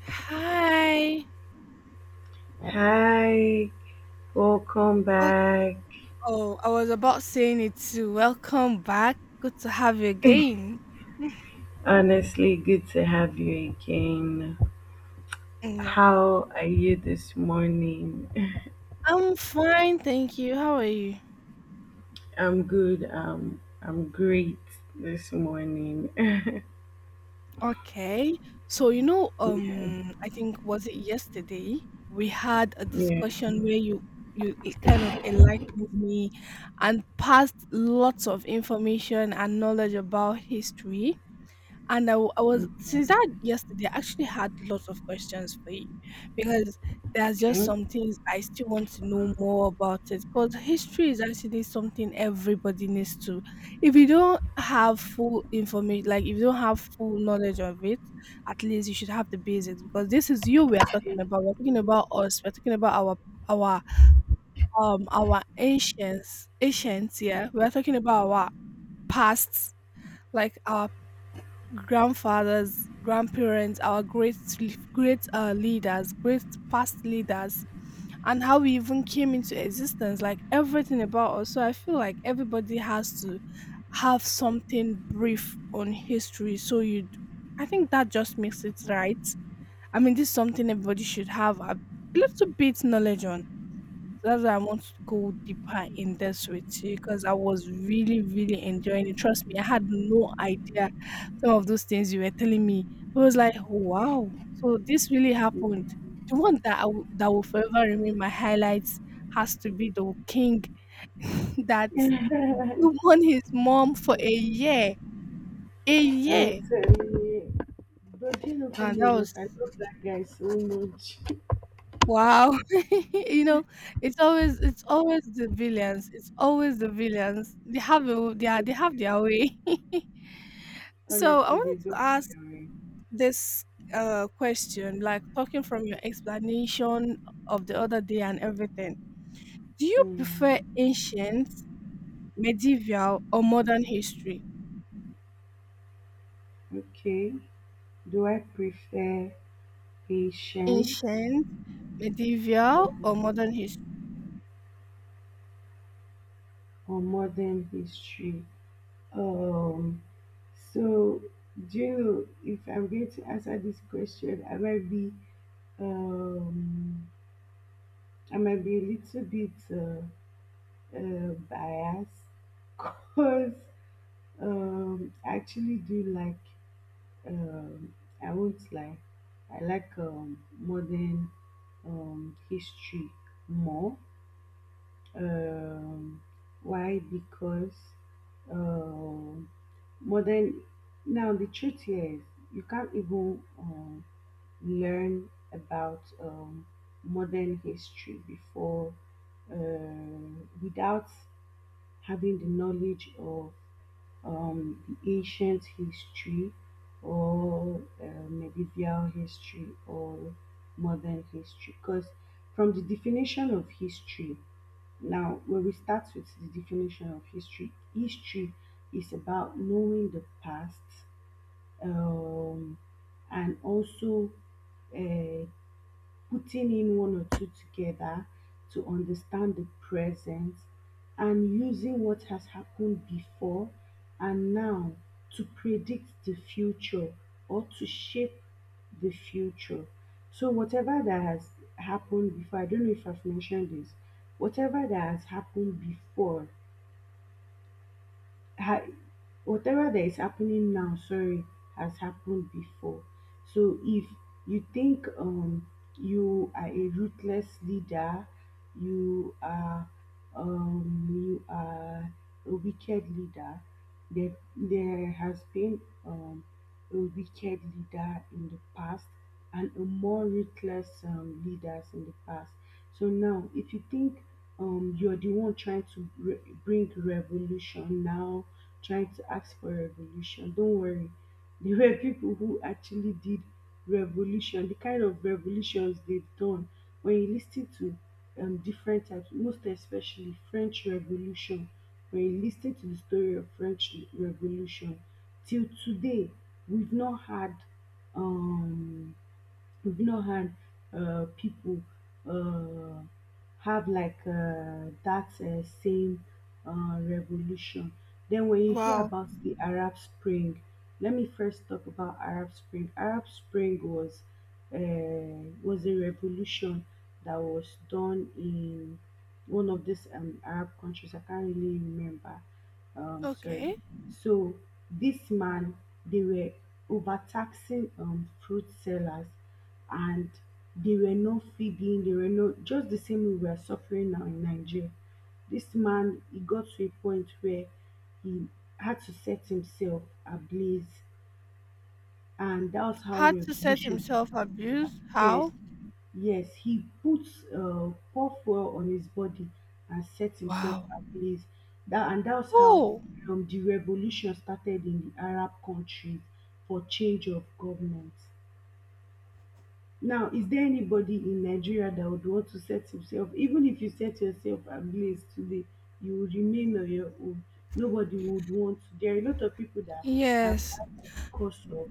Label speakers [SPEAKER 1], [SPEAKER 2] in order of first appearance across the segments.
[SPEAKER 1] Hi.
[SPEAKER 2] Hi, welcome
[SPEAKER 1] Well,
[SPEAKER 2] back.
[SPEAKER 1] oh, I was about saying it too. Welcome back. Good to have you again.
[SPEAKER 2] Honestly, good to have you again.
[SPEAKER 1] Mhm, yeah.
[SPEAKER 2] How are you this morning?
[SPEAKER 1] I'm fine, thank you. How are you?
[SPEAKER 2] I'm good. I'm great this morning.
[SPEAKER 1] Okay. So,
[SPEAKER 2] Yeah.
[SPEAKER 1] I think was it yesterday we had a
[SPEAKER 2] Yeah,
[SPEAKER 1] discussion where you it kind of enlightened me and passed lots of information and knowledge about history. And I, w- I was since
[SPEAKER 2] okay.
[SPEAKER 1] that yesterday, I actually had lots of questions for you because there's just
[SPEAKER 2] Okay.
[SPEAKER 1] some things I still want to know more about it because history is actually something everybody needs to. If you don't have full information, like if you don't have full knowledge of it, at least you should have the basics because this is you we are talking about. We're talking about us. We're talking about our our ancients. Yeah, we're talking about our pasts, like our grandfathers, grandparents, our great leaders, great past leaders, and how we even came into existence, like everything about us. So I feel like everybody has to have something brief on history. So, I think that just makes it right. I mean, this is something everybody should have a little bit knowledge on. So that's why I want to go deeper in this with you because I was really, really enjoying it. Trust me, I had no idea some of those things you were telling me. I was like, wow, so this really happened. The one that that will forever remain my highlights has to be the king that won his mom for a year. A year.
[SPEAKER 2] I'm telling you. But you know,
[SPEAKER 1] Now
[SPEAKER 2] funny
[SPEAKER 1] that
[SPEAKER 2] enough,
[SPEAKER 1] was.
[SPEAKER 2] I love that guy so much.
[SPEAKER 1] Wow. You know, it's always the villains. It's always the villains. They have a, they are, they have their way. So I
[SPEAKER 2] Honestly,
[SPEAKER 1] wanted
[SPEAKER 2] they don't
[SPEAKER 1] to
[SPEAKER 2] have
[SPEAKER 1] ask
[SPEAKER 2] their way.
[SPEAKER 1] this question, like, talking from your explanation of the other day and everything. Do you prefer
[SPEAKER 2] Hmm.
[SPEAKER 1] ancient, medieval, or modern history?
[SPEAKER 2] Okay. Do I prefer patience?
[SPEAKER 1] Ancient, medieval, or modern history?
[SPEAKER 2] Or modern history. Um, so, do you know, if I'm going to answer this question, um, I might be a little bit biased because I actually do like um, I won't lie, I like modern history more. Um, why? Because um, but then now the truth here is you can't even learn about modern history before uh, without having the knowledge of the ancient history or medieval history or modern history. Because from the definition of history, now, when we start with the definition of history, history is about knowing the past, um, and also uh, putting in one or two together to understand the present and using what has happened before and now to predict the future or to shape the future. So whatever that has happened before, I don't know if I've mentioned this, whatever that has happened before ha whatever that is happening now, sorry, has happened before. So if you think you are a ruthless leader, you are you are a wicked leader, that there has been um a wicked leader in the past and a more ruthless leaders in the past. So now, if you think you're the one trying to bring revolution now, trying to ask for revolution, don't worry. There were people who actually did revolution, the kind of revolutions they've done. When you listen to different types, most especially French Revolution, when you listen to the story of French Revolution, till today we've not had um we've not had people uh, have like that same revolution. Then when you hear
[SPEAKER 1] Wow.
[SPEAKER 2] about the Arab Spring, let me first talk about Arab Spring. Arab Spring was a revolution that was done in one of these Arab countries. I can't really remember. Sorry.
[SPEAKER 1] Okay.
[SPEAKER 2] So this man, they were overtaxing fruit sellers, and they were not feeding. They were not, just the same way we are suffering now in Nigeria. This man, he got to a point where he had to set himself ablaze, and that was how
[SPEAKER 1] Had to set himself
[SPEAKER 2] revolution.
[SPEAKER 1] abuse.
[SPEAKER 2] Yes,
[SPEAKER 1] How?
[SPEAKER 2] yes, he puts pour fuel on his body and set himself
[SPEAKER 1] Wow.
[SPEAKER 2] ablaze. That, and that's how
[SPEAKER 1] Oh,
[SPEAKER 2] the revolution started in the Arab countries for change of government. Now, is there anybody in Nigeria that would want to set himself, even if you set yourself ablaze today, you will remain on your own. Nobody would want to. There are a lot of people that have
[SPEAKER 1] yes,
[SPEAKER 2] died because of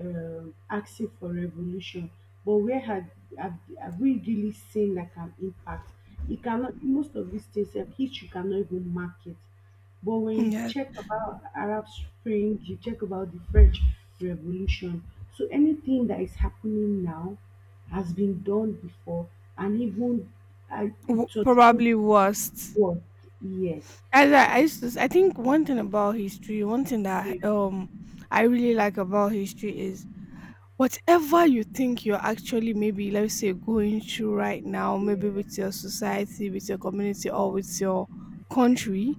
[SPEAKER 2] asking for revolution. But where have, have we really seen like an impact? It cannot. Most of these things, sef, history cannot even mark it. But when you
[SPEAKER 1] yes,
[SPEAKER 2] check about Arab Spring, you check about the French Revolution. So anything that is happening now has been done before, and even uh, it was even
[SPEAKER 1] probably worst.
[SPEAKER 2] what. Yes.
[SPEAKER 1] As
[SPEAKER 2] So
[SPEAKER 1] I used to, s- I think one thing about history, one thing
[SPEAKER 2] the
[SPEAKER 1] that I really like about history is whatever you think you're actually, maybe let's say, going through right now, maybe with your society, with your community, or with your country.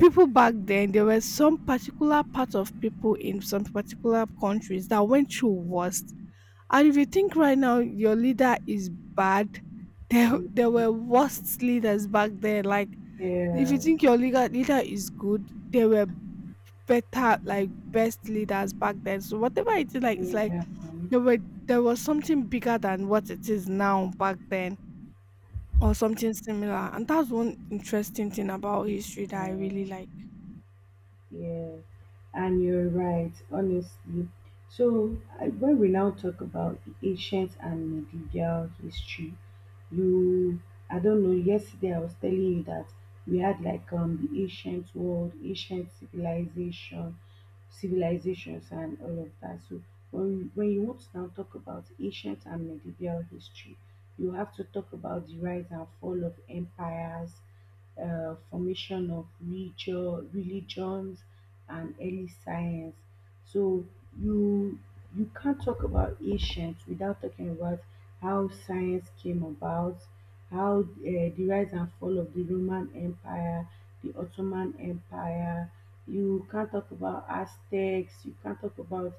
[SPEAKER 1] People back then, there were some particular part of people in some particular countries that went through worse. And if you think right now your leader is bad, there
[SPEAKER 2] uh,
[SPEAKER 1] there were worst leaders back then. Like, if you think your leader is good, there were better, like best leaders back then. So whatever it is, like,
[SPEAKER 2] uh,
[SPEAKER 1] it's like
[SPEAKER 2] uh, um,
[SPEAKER 1] there were there was something bigger than what it is now back then, or something similar. And that's one interesting thing about history that I really
[SPEAKER 2] uh,
[SPEAKER 1] like.
[SPEAKER 2] yeah, and you're right, honestly. So, I, when we now talk about the ancient and medieval history, you, I don't know, yesterday I was telling you that we had like the ancient world, ancient civilizations, and all of that. So, when you want to now talk about ancient and medieval history, you have to talk about the rise and fall of empires, formation of religions and early science. So you you can't talk about ancient without talking about how science came about, how the rise and fall of the Roman Empire, the Ottoman Empire. You can't talk about Aztecs. You can't talk about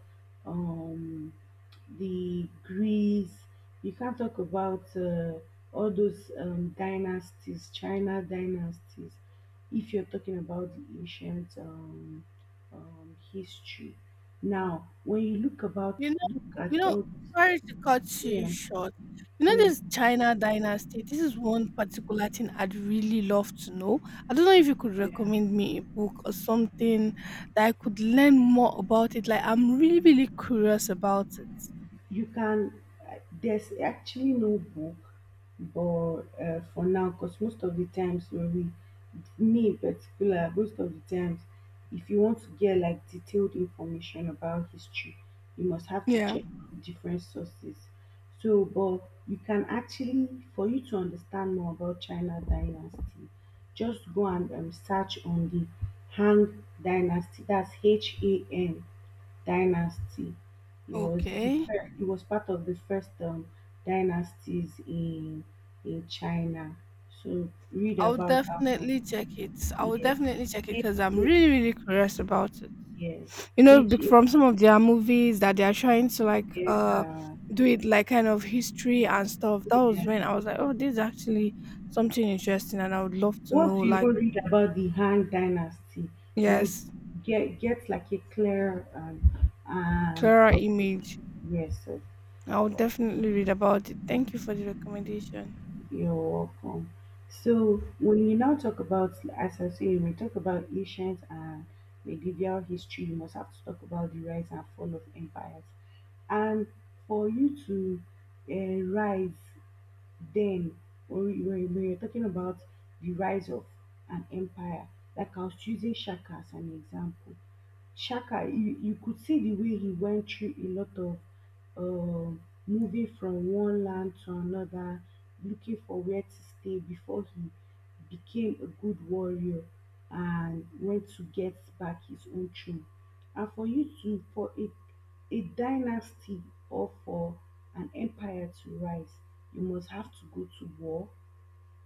[SPEAKER 2] um, the Greece. You can't talk about all those dynasties, China dynasties, if you're talking about the ancient history. Now, when you look about,
[SPEAKER 1] You know
[SPEAKER 2] look
[SPEAKER 1] you
[SPEAKER 2] at
[SPEAKER 1] know,
[SPEAKER 2] all,
[SPEAKER 1] Sorry to cut you
[SPEAKER 2] yeah,
[SPEAKER 1] short. You know
[SPEAKER 2] yeah,
[SPEAKER 1] this China dynasty, this is one particular thing I'd really love to know. I don't know if you could
[SPEAKER 2] yeah.
[SPEAKER 1] recommend me a book or something that I could learn more about it. Like, I'm really, really curious about it.
[SPEAKER 2] You can uh, there's actually no book but for now, because most of the times, when we me in particular, most of the times, if you want to get like detailed information about history, you must have to
[SPEAKER 1] Yeah.
[SPEAKER 2] check different sources. So but you can actually, for you to understand more about china dynasty, just go and search on the Han dynasty, that's H-A-N dynasty. It was the
[SPEAKER 1] Okay.
[SPEAKER 2] first, it was part of the first dynasties in China. So read
[SPEAKER 1] I'll
[SPEAKER 2] about that
[SPEAKER 1] definitely
[SPEAKER 2] one.
[SPEAKER 1] check it. I will
[SPEAKER 2] Yes,
[SPEAKER 1] definitely check it
[SPEAKER 2] H
[SPEAKER 1] because I'm
[SPEAKER 2] A-
[SPEAKER 1] really, really curious about it.
[SPEAKER 2] yes, H A-
[SPEAKER 1] From some of their movies that they are trying to, like,
[SPEAKER 2] yeah,
[SPEAKER 1] do it, like, kind of history and stuff, that was when
[SPEAKER 2] yeah.
[SPEAKER 1] I was like, oh, this is actually something interesting, and I would love to know,
[SPEAKER 2] Once you even
[SPEAKER 1] like,
[SPEAKER 2] read about the Han dynasty, you
[SPEAKER 1] yes,
[SPEAKER 2] get like a clear and
[SPEAKER 1] clearer image.
[SPEAKER 2] yes. So
[SPEAKER 1] I would definitely read about it. Thank you for the recommendation.
[SPEAKER 2] you're welcome. So, when you now talk about, as I say, when we talk about ancient and medieval history, you must have to talk about the rise and fall of empires. And for you to rise then, when, we- when you're talking about the rise of an empire, like I was using Shaka as an example, Shaka, you could see the way he went through a lot of uh, moving from one land to another, looking for where to stay before he became a good warrior and went to get back his own throne. And for you to, a dynasty or for an empire to rise, you must have to go to war,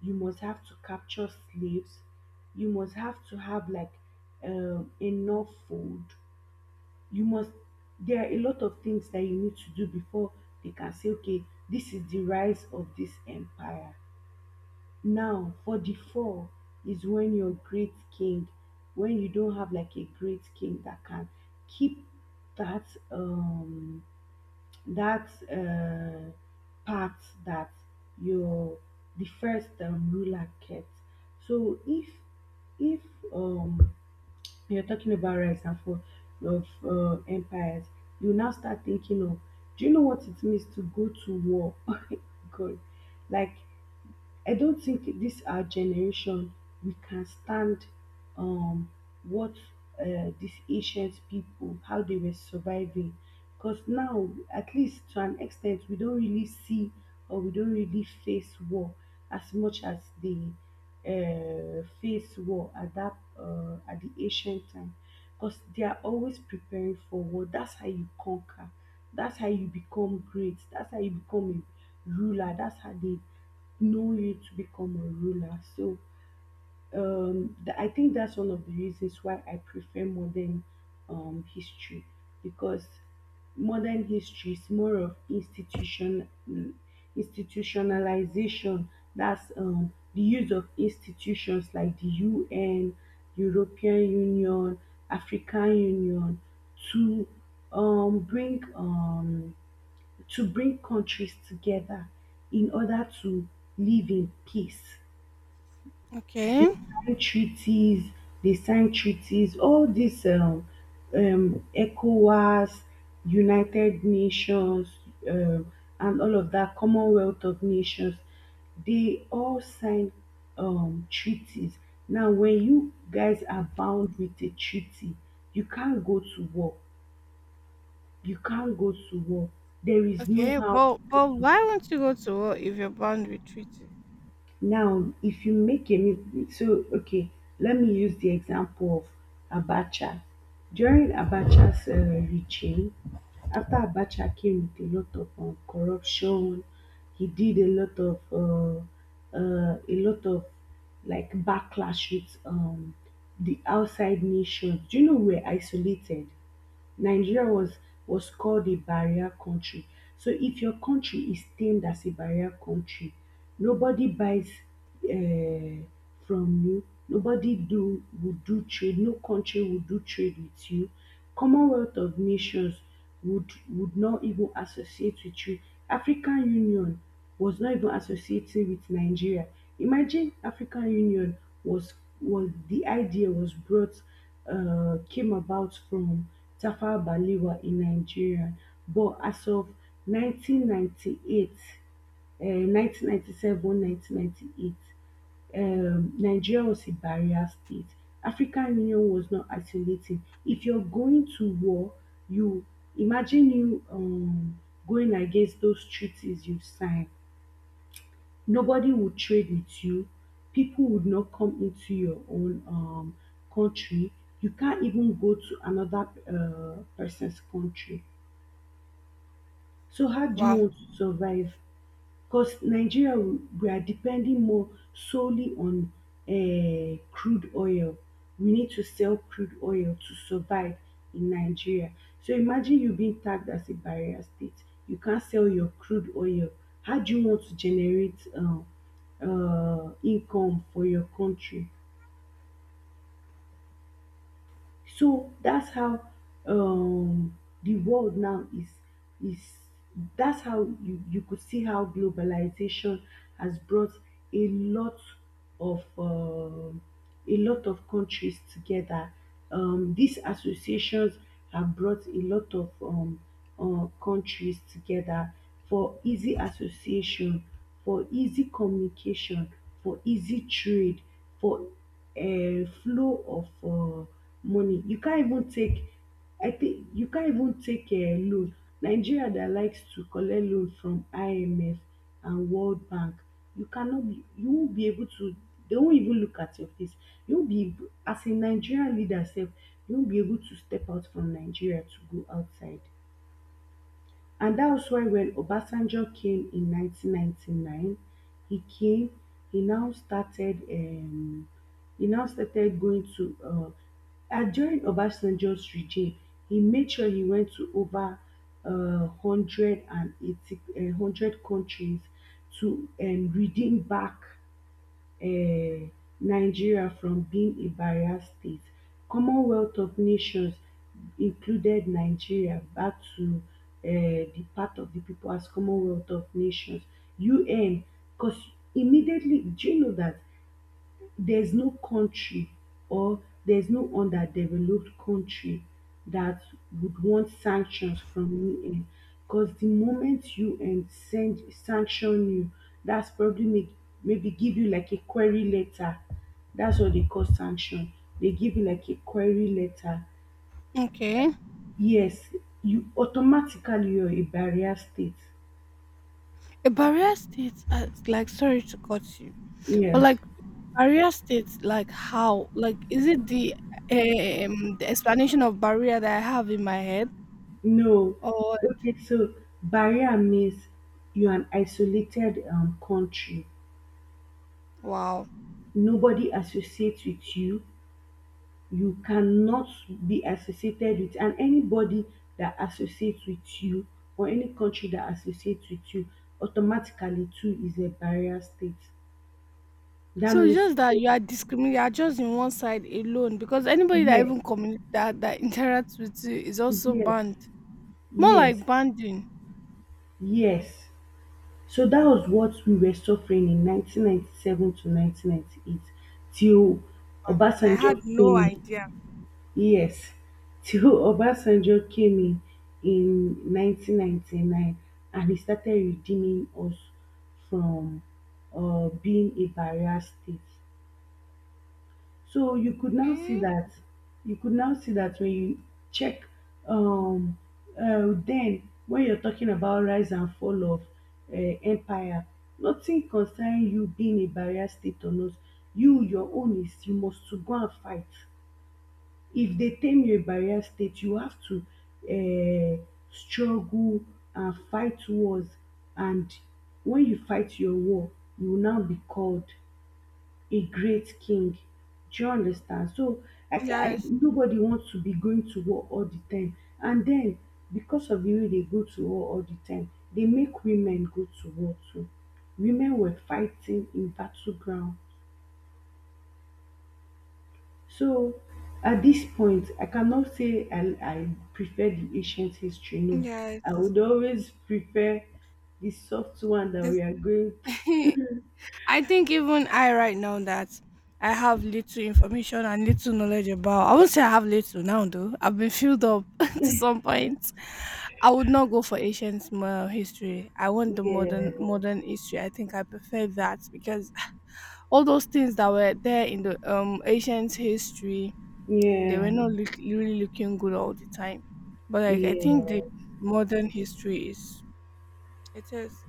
[SPEAKER 2] you must have to capture slaves, you must have to have like enough food. You must, there are a lot of things that you need to do before they can say, okay, this is the rise of this empire. Now for the fall is when your great king, when you don't have like a great king that can keep that, um that part that your the first ruler kept. So if if um you're talking about rise and fall of empires, you now start thinking of, do you know what it means to go to war? God, like I don't think this our generation we can stand um what these ancient people, how they were surviving, because now at least to an extent we don't really see or we don't really face war as much as they face war at that at the ancient time, because they are always preparing for war. That's how you conquer, that's how you become great, that's how you become a ruler, that's how they know you to become a ruler. So I think that's one of the reasons why I prefer modern history, because modern history is more of institution, institutionalization. That's the use of institutions like the UN, European Union, African Union to bring to bring countries together in order to live in peace. They
[SPEAKER 1] Okay.
[SPEAKER 2] sign treaties, they sign treaties, all these ECOWAS, United Nations, um, and all of that, Commonwealth of Nations, they all sign treaties. Now, when you guys are bound with a treaty, you can't go to war. You can't go to war. There is no
[SPEAKER 1] okay
[SPEAKER 2] how
[SPEAKER 1] but
[SPEAKER 2] to
[SPEAKER 1] but
[SPEAKER 2] go.
[SPEAKER 1] why won't you go to war if you're bound with treaty?
[SPEAKER 2] Now, if you make a mistake, so okay, let me use the example of Abacha. During Abacha's regime, after Abacha came with a lot of corruption, he did a lot of like backlash with the outside nations. Do you know we're isolated? Nigeria was called a barrier country. So if your country is deemed as a barrier country, nobody buys uh, from you. Nobody do would do trade. No country would do trade with you. Commonwealth of Nations would not even associate with you. African Union was not even associating with Nigeria. Imagine African Union was was the idea was brought came about from Tafawa Balewa in Nigeria, but as of 1998, 1997, 1998, Nigeria was a barrier state. African Union was not isolating. If you're going to war, you imagine you going against those treaties you sign. Nobody would trade with you. People would not come into your own country. You can't even go to another person's country. So how do you
[SPEAKER 1] Wow.
[SPEAKER 2] want to survive? Because Nigeria, we are depending more solely on crude oil. We need to sell crude oil to survive in Nigeria. So imagine you being tagged as a barrier state. You can't sell your crude oil. How do you want to generate income for your country? So that's how um the world now is that's how you could see how globalization has brought a lot of countries together. These associations have brought a lot of countries together, for easy association, for easy communication, for easy trade, for flow of money. You can't even take I think you can't even take a loan. Nigeria dat likes to collect loan from IMF and World Bank. You cannot be you won't be able to They won't even look at your face. You won't be able- As a Nigerian leader sef, you won't be able to step out from Nigeria to go outside. And that was why when Obasanjo came in 1999, he came. He now started, he now started going to, And during Obasanjo's regime, he made sure he went to over 180, 100 countries, to redeem back um Nigeria from being a barrier state. Commonwealth of Nations included Nigeria back to di path of the people, as Commonwealth of Nations, UN. Cause immediately, do you know that there's no country, or there's no underdeveloped country, that would want sanctions from UN? Because the moment UN send sanction you, that's probably make, maybe give you like a query letter. That's what they call sanction. They give you like a query letter.
[SPEAKER 1] Okay.
[SPEAKER 2] Yes, you're a barrier state.
[SPEAKER 1] A barrier state, like, sorry to cut you, but
[SPEAKER 2] Yes.
[SPEAKER 1] like. Barrier state, like, how? Like, is it the explanation of barrier that I have in my head?
[SPEAKER 2] No.
[SPEAKER 1] Or
[SPEAKER 2] Okay, so barrier means you're an isolated, country.
[SPEAKER 1] wow.
[SPEAKER 2] Nobody associates with you. You cannot be associated with. And anybody that associates with you, or any country that associates with you, automatically too is a barrier state, that
[SPEAKER 1] So it's
[SPEAKER 2] means.
[SPEAKER 1] just that you are discriminating, you are just in one side alone because anybody that
[SPEAKER 2] Yes,
[SPEAKER 1] even communicate, that interacts with you is also
[SPEAKER 2] yes,
[SPEAKER 1] banned. More
[SPEAKER 2] yes,
[SPEAKER 1] like banding.
[SPEAKER 2] yes. So that was what we were suffering in 1997 to 1998, till
[SPEAKER 1] Wow, and I had
[SPEAKER 2] Obasanjo
[SPEAKER 1] no
[SPEAKER 2] came in.
[SPEAKER 1] idea.
[SPEAKER 2] Yes, till Obasanjo came in 1999, and he started redeeming us from being a barrier state. So
[SPEAKER 1] Mm.
[SPEAKER 2] you could now see that when you check, um then when you're talking about rise and fall of uh, empire, nothing concerning you being a barrier state or not. Your own is you must to go and fight. If they tame you a barrier state, you have to uh, struggle and fight wars. And when you fight your war, you will now be called a great king. Do you understand? So
[SPEAKER 1] Yes.
[SPEAKER 2] nobody wants to be going to war all the time. And then because of the way they go to war all the time, they make women go to war too. Women were fighting in battleground. So at this point, I cannot say I prefer the ancient history. No, I
[SPEAKER 1] Yes.
[SPEAKER 2] would always prefer the soft one that
[SPEAKER 1] There's
[SPEAKER 2] we are going through.
[SPEAKER 1] I think even I right now, that I have little information and little knowledge about, I won't say I have little now though. I've been filled up to some point. I would not go for ancient history. I want the
[SPEAKER 2] Yes.
[SPEAKER 1] modern history. I think I prefer that because all those things that were there in the ancient history, they were
[SPEAKER 2] Yeah,
[SPEAKER 1] not, really looking good all the time. But, like, I think the
[SPEAKER 2] yes,
[SPEAKER 1] modern history is, it is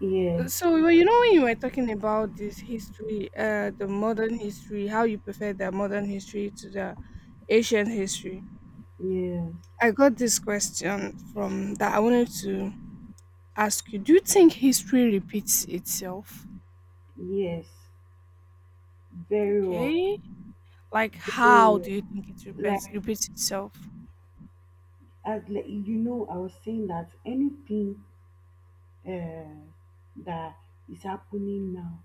[SPEAKER 2] yes,
[SPEAKER 1] so, well, you know, when you were talking about this history, the modern history, how you prefer the modern history to the ancient history,
[SPEAKER 2] yes,
[SPEAKER 1] I got this question from that I wanted to ask you. Do you think history repeats itself?
[SPEAKER 2] yes. Very well,
[SPEAKER 1] Okay. Like,
[SPEAKER 2] very
[SPEAKER 1] how do
[SPEAKER 2] well.
[SPEAKER 1] you think it
[SPEAKER 2] Like,
[SPEAKER 1] repeats itself?
[SPEAKER 2] like, I was saying that anything uh, that is happening now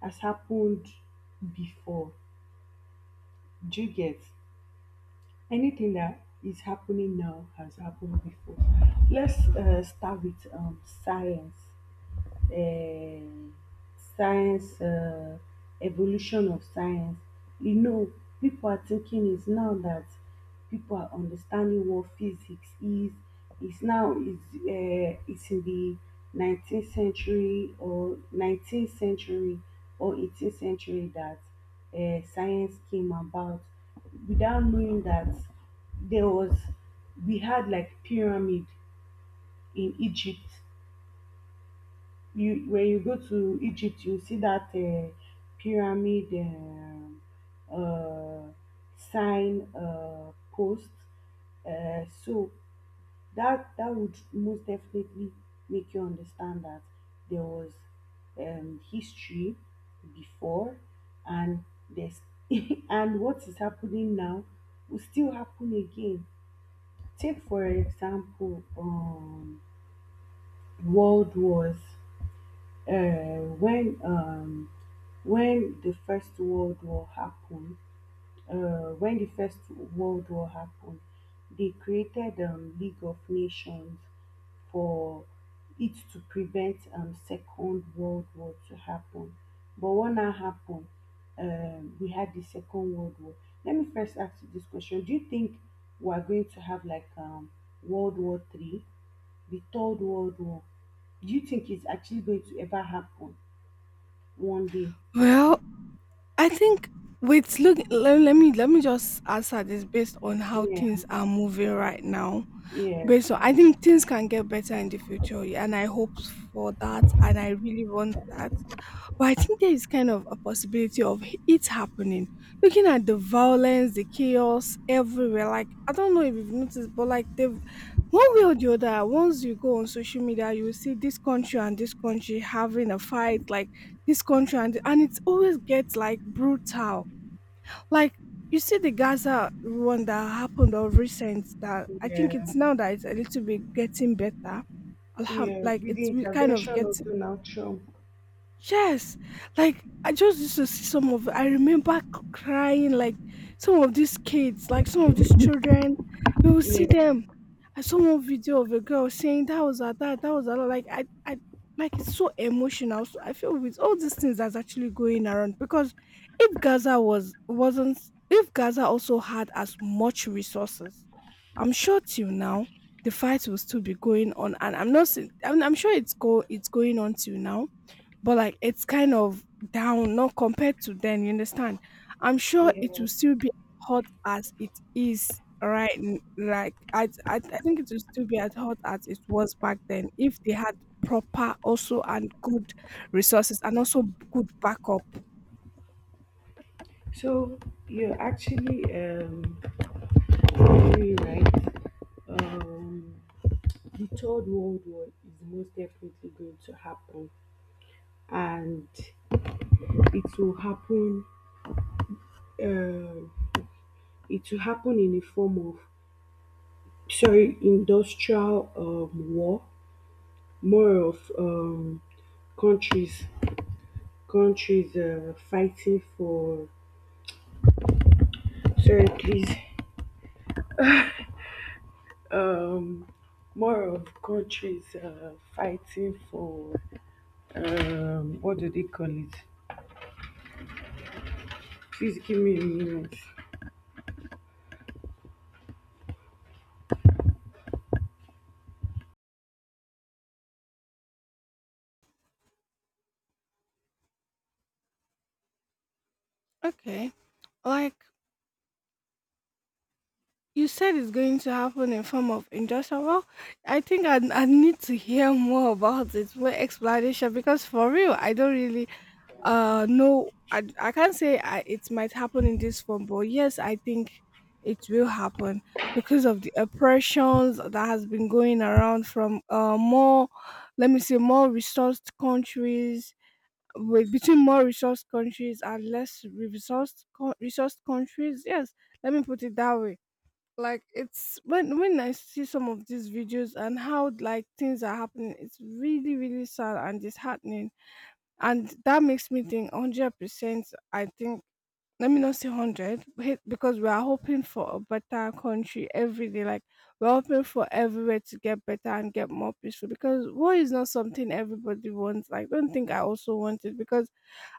[SPEAKER 2] has happened before. Do you get? Anything that is happening now has happened before. Let's start with science. um science um Evolution of science. you know People are thinking is now that people are understanding what physics is. It's now is It's in the 19th century or 18th century that science came about, without knowing that there was we had like pyramid in Egypt. You When you go to Egypt, you see that pyramid uh, sign post. So that would most definitely make you understand that there was, history before, and there's and what is happening now will still happen again. Take for example, world wars. uh, when um, when the First World War happened, when the First World War happened, they created League of Nations for it to prevent Second World War to happen. But what now happened? We had the Second World War. Let me first ask you this question: Do you think we are going to have like World War Three, the Third World War? Do you think it's actually going to ever happen one day?
[SPEAKER 1] Well, I think, wait, look, let me just answer this based on how
[SPEAKER 2] Yeah.
[SPEAKER 1] things are moving right now.
[SPEAKER 2] Yes.
[SPEAKER 1] But so I think things can get better in the future, yeah, and I hope for that, and I really want that. But I think there is kind of a possibility of it happening. Looking at the violence, the chaos everywhere, like, I don't know if you've noticed, but, like, they've one way or the other, once you go on social media, you will see this country and this country having a fight, like, this country, and it always gets like brutal, like, you see the Gaza one that happened of recent, that I think
[SPEAKER 2] Yeah,
[SPEAKER 1] it's now that it's a little bit getting better.
[SPEAKER 2] yeah.
[SPEAKER 1] Like,
[SPEAKER 2] With the
[SPEAKER 1] it's kind of
[SPEAKER 2] intervention of
[SPEAKER 1] getting.
[SPEAKER 2] Donald Trump.
[SPEAKER 1] Yes, like, I just used to see some of, I remember crying, like, some of these kids, like, some of these children, you will see
[SPEAKER 2] Yeah.
[SPEAKER 1] them. I saw one video of a girl saying that was her dad, that was her dad," like I, like, it's so emotional. So I feel with all these things that's actually going around, because if Gaza was wasn't if Gaza also had as much resources, I'm sure till now the fight will still be going on, and I'm not saying, I'm sure it's going on till now, but, like, it's kind of down, not compared to then, you understand. I'm sure it
[SPEAKER 2] Yeah.
[SPEAKER 1] will still be hot as it is right like, I think it will still be as hot as it was back then if they had proper, also, and good resources, and also good backup.
[SPEAKER 2] So you're actually very right. Um, the third world war is most definitely going to happen, and it will happen. Uh, it will happen in the form of, sorry, industrial, war. More of countries countries fighting for. Sorry, please. Um, More of countries fighting for, what do they call it? Please give me a minute.
[SPEAKER 1] Okay. Like you said, it's going to happen in form of industrial. Well, I think I need to hear more about it, more explanation, because for real, I don't really. No, I can't say, it might happen in this form, but yes, I think it will happen because of the oppressions that has been going around from, more, let me say, more resourced countries, between more resourced countries and less resourced, resourced countries. Yes, let me put it that way. Like, it's when I see some of these videos and how, like, things are happening, it's really, really sad and disheartening, and that makes me think 100% I think, let me not say 100 because we are hoping for a better country every day. Like, we're hoping for everywhere to get better and get more peaceful, because war is not something everybody wants. I don't think I also want it, because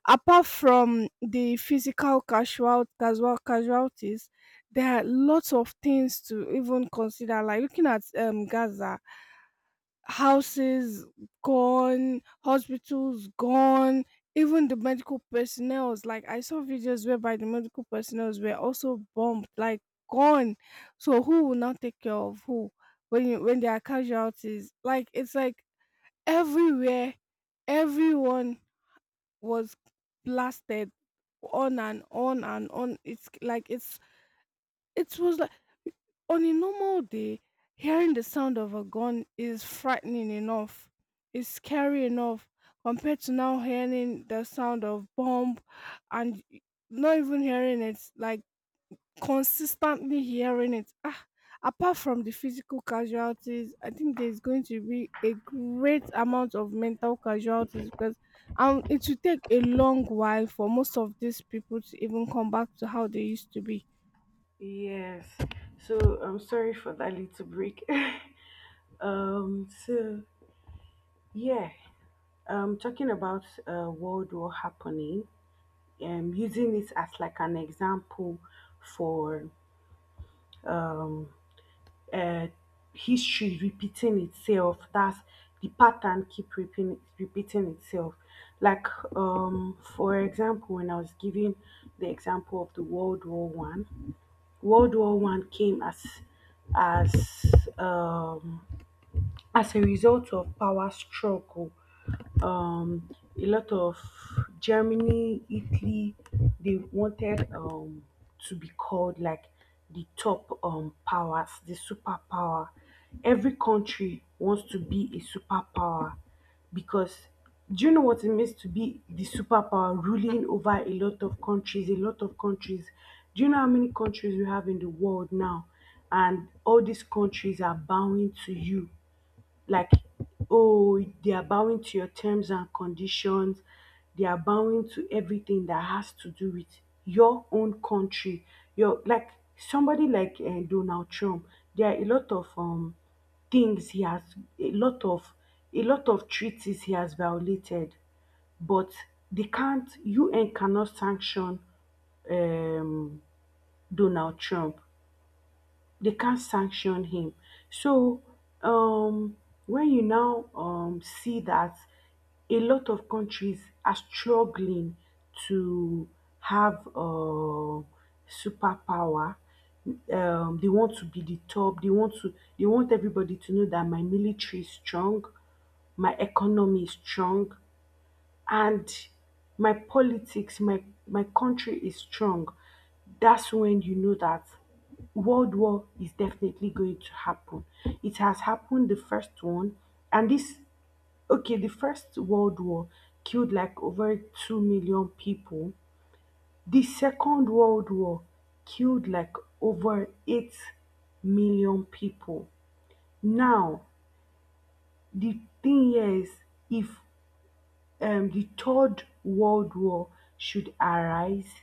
[SPEAKER 1] apart from the physical casualties, there are lots of things to even consider. Like, looking at Gaza, houses gone, hospitals gone, even the medical personnel. Like, I saw videos whereby the medical personnel were also bombed, like, gone. So who will now take care of who when, when there are casualties? Like, it's like everywhere, everyone was blasted on and on and on. It's like, it was like, on a normal day, hearing the sound of a gun is frightening enough. It's scary enough compared to now hearing the sound of bomb, and not even hearing it, like, consistently hearing it. Ah, apart from the physical casualties, I think there's going to be a great amount of mental casualties because it will take a long while for most of these people to even come back to how they used to be.
[SPEAKER 2] Yes. So I'm sorry for that little break. So yeah. Talking about World War happening. Using it as like an example for uh, history repeating itself. That's the pattern, keep repeating itself. Like, for example, when I was giving the example of the world war one. World war one came as um as a result of power struggle. um, a lot of Germany, Italy, they wanted to be called like the top, powers, the superpower. Every country wants to be a superpower, because do you know what it means to be the superpower ruling over a lot of countries, a lot of countries? Do you know how many countries we have in the world now? And all these countries are bowing to you, like, oh, they are bowing to your terms and conditions. They are bowing to everything that has to do with your own country. Your Like somebody like Donald Trump, there are a lot of things he has. A lot of, treaties he has violated, but they can't UN cannot sanction um Donald Trump. They can't sanction him. So, um, when you now see that a lot of countries are struggling to have superpower, they want to be the top. They want everybody to know that my military is strong, my economy is strong, and my politics, my country is strong, that's when you know that world war is definitely going to happen. It has happened the first one, and this. Okay, the first world war killed like over 2 million people. The second world war killed like over 8 million people. Now, the thing here is, if the third world war should arise,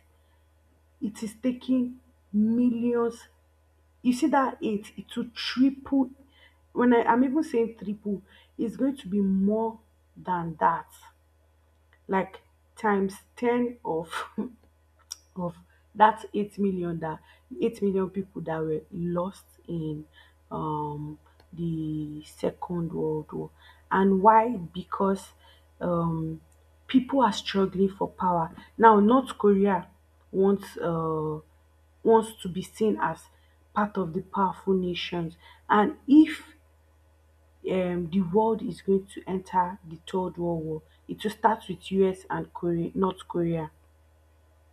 [SPEAKER 2] it is taking millions. You see that it will triple. When I'm even saying triple, it's going to be more than that, like times 10 of of that 8 million, that 8 million people that were lost in, um, the second world war. And why? Because um, people are struggling for power. Now North Korea wants, wants to be seen as part of the powerful nations. And if the world is going to enter the third world war, it will start with US and Korea, North Korea.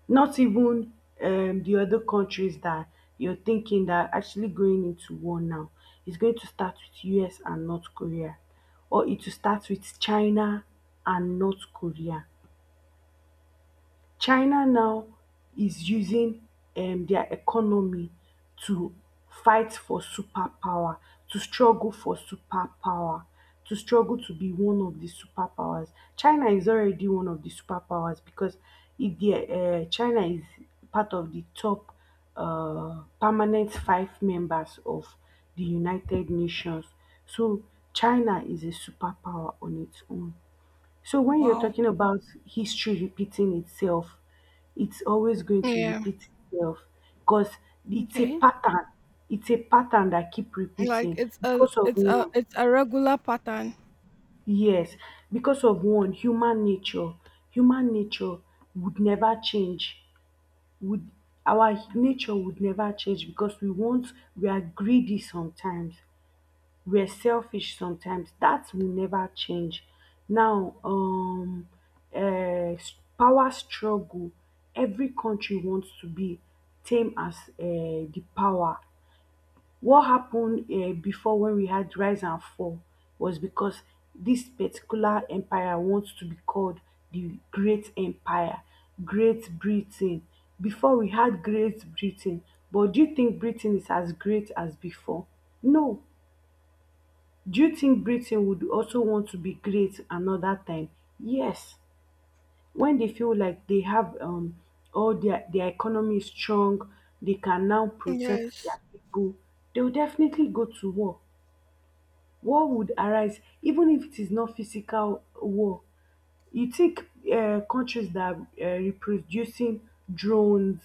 [SPEAKER 2] Not even the other countries that you're thinking that are actually going into war now. It's going to start with US and North Korea, or it will start with China and North Korea. China now is using their economy to fight for superpower, to struggle for superpower, to struggle to be one of the superpowers. China is already one of the superpowers, because if the China is part of the top permanent five members of the United Nations. So China is a superpower on its own. So when you're
[SPEAKER 1] Wow.
[SPEAKER 2] talking about history repeating itself, it's always going to
[SPEAKER 1] Yeah.
[SPEAKER 2] repeat itself because it's a
[SPEAKER 1] Okay.
[SPEAKER 2] pattern. It's a pattern that keep
[SPEAKER 1] Like,
[SPEAKER 2] repeating
[SPEAKER 1] it's a
[SPEAKER 2] because of
[SPEAKER 1] it's a
[SPEAKER 2] one.
[SPEAKER 1] it's a regular pattern.
[SPEAKER 2] Yes, because of one, human nature. Human nature would never change. Would Our nature would never change, because we are greedy sometimes. We're selfish sometimes. That will never change. Now, uh, power struggle. Every country wants to be tame as the power. What happened before, when we had rise and fall, was because this particular empire wants to be called the Great Empire, Great Britain. Before we had Great Britain, but do you think Britain is as great as before? No. Do you think Britain would also want to be great another time? Yes, when they feel like they have all their, economy is strong, they can now protect
[SPEAKER 1] Yes,
[SPEAKER 2] their people, they will definitely go to war. War would arise, even if it is not physical war. You take countries that are reproducing drones,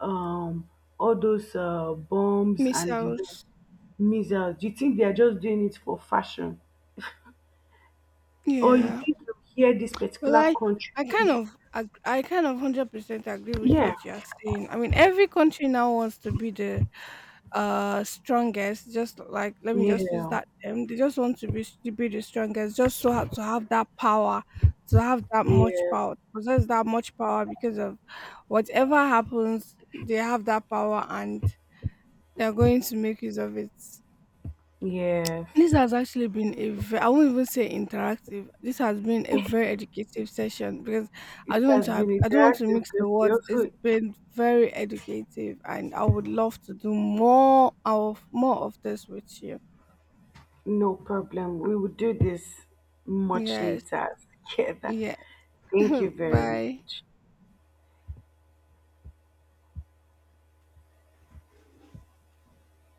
[SPEAKER 2] um, all those bombs and the
[SPEAKER 1] missiles.
[SPEAKER 2] missiles, do you think they are just doing it for fashion? Or you
[SPEAKER 1] Yeah.
[SPEAKER 2] think, you hear this
[SPEAKER 1] Well,
[SPEAKER 2] particular
[SPEAKER 1] I
[SPEAKER 2] country,
[SPEAKER 1] I kind
[SPEAKER 2] if...
[SPEAKER 1] of ag- I kind of 100% agree with
[SPEAKER 2] yeah,
[SPEAKER 1] what you are saying. I mean, every country now wants to be the strongest. Just like, let me just use
[SPEAKER 2] yeah,
[SPEAKER 1] that term. They just want to be the strongest, just so to have that power, to have that much
[SPEAKER 2] yes,
[SPEAKER 1] power, to possess that much power, because of whatever happens, they have that power, and they're going to make use of it.
[SPEAKER 2] yes.
[SPEAKER 1] This has actually been a I won't even say interactive. This has been a very educative session, because I
[SPEAKER 2] It
[SPEAKER 1] don't want to
[SPEAKER 2] has been
[SPEAKER 1] have, I don't want to
[SPEAKER 2] interactive
[SPEAKER 1] mix
[SPEAKER 2] because
[SPEAKER 1] the
[SPEAKER 2] you
[SPEAKER 1] words. It's
[SPEAKER 2] also.
[SPEAKER 1] been very educative, and I would love to do more of this with you.
[SPEAKER 2] No problem, we will do this much
[SPEAKER 1] Yes,
[SPEAKER 2] later. Yeah, that.
[SPEAKER 1] yeah.
[SPEAKER 2] Thank you very
[SPEAKER 1] Bye.
[SPEAKER 2] much.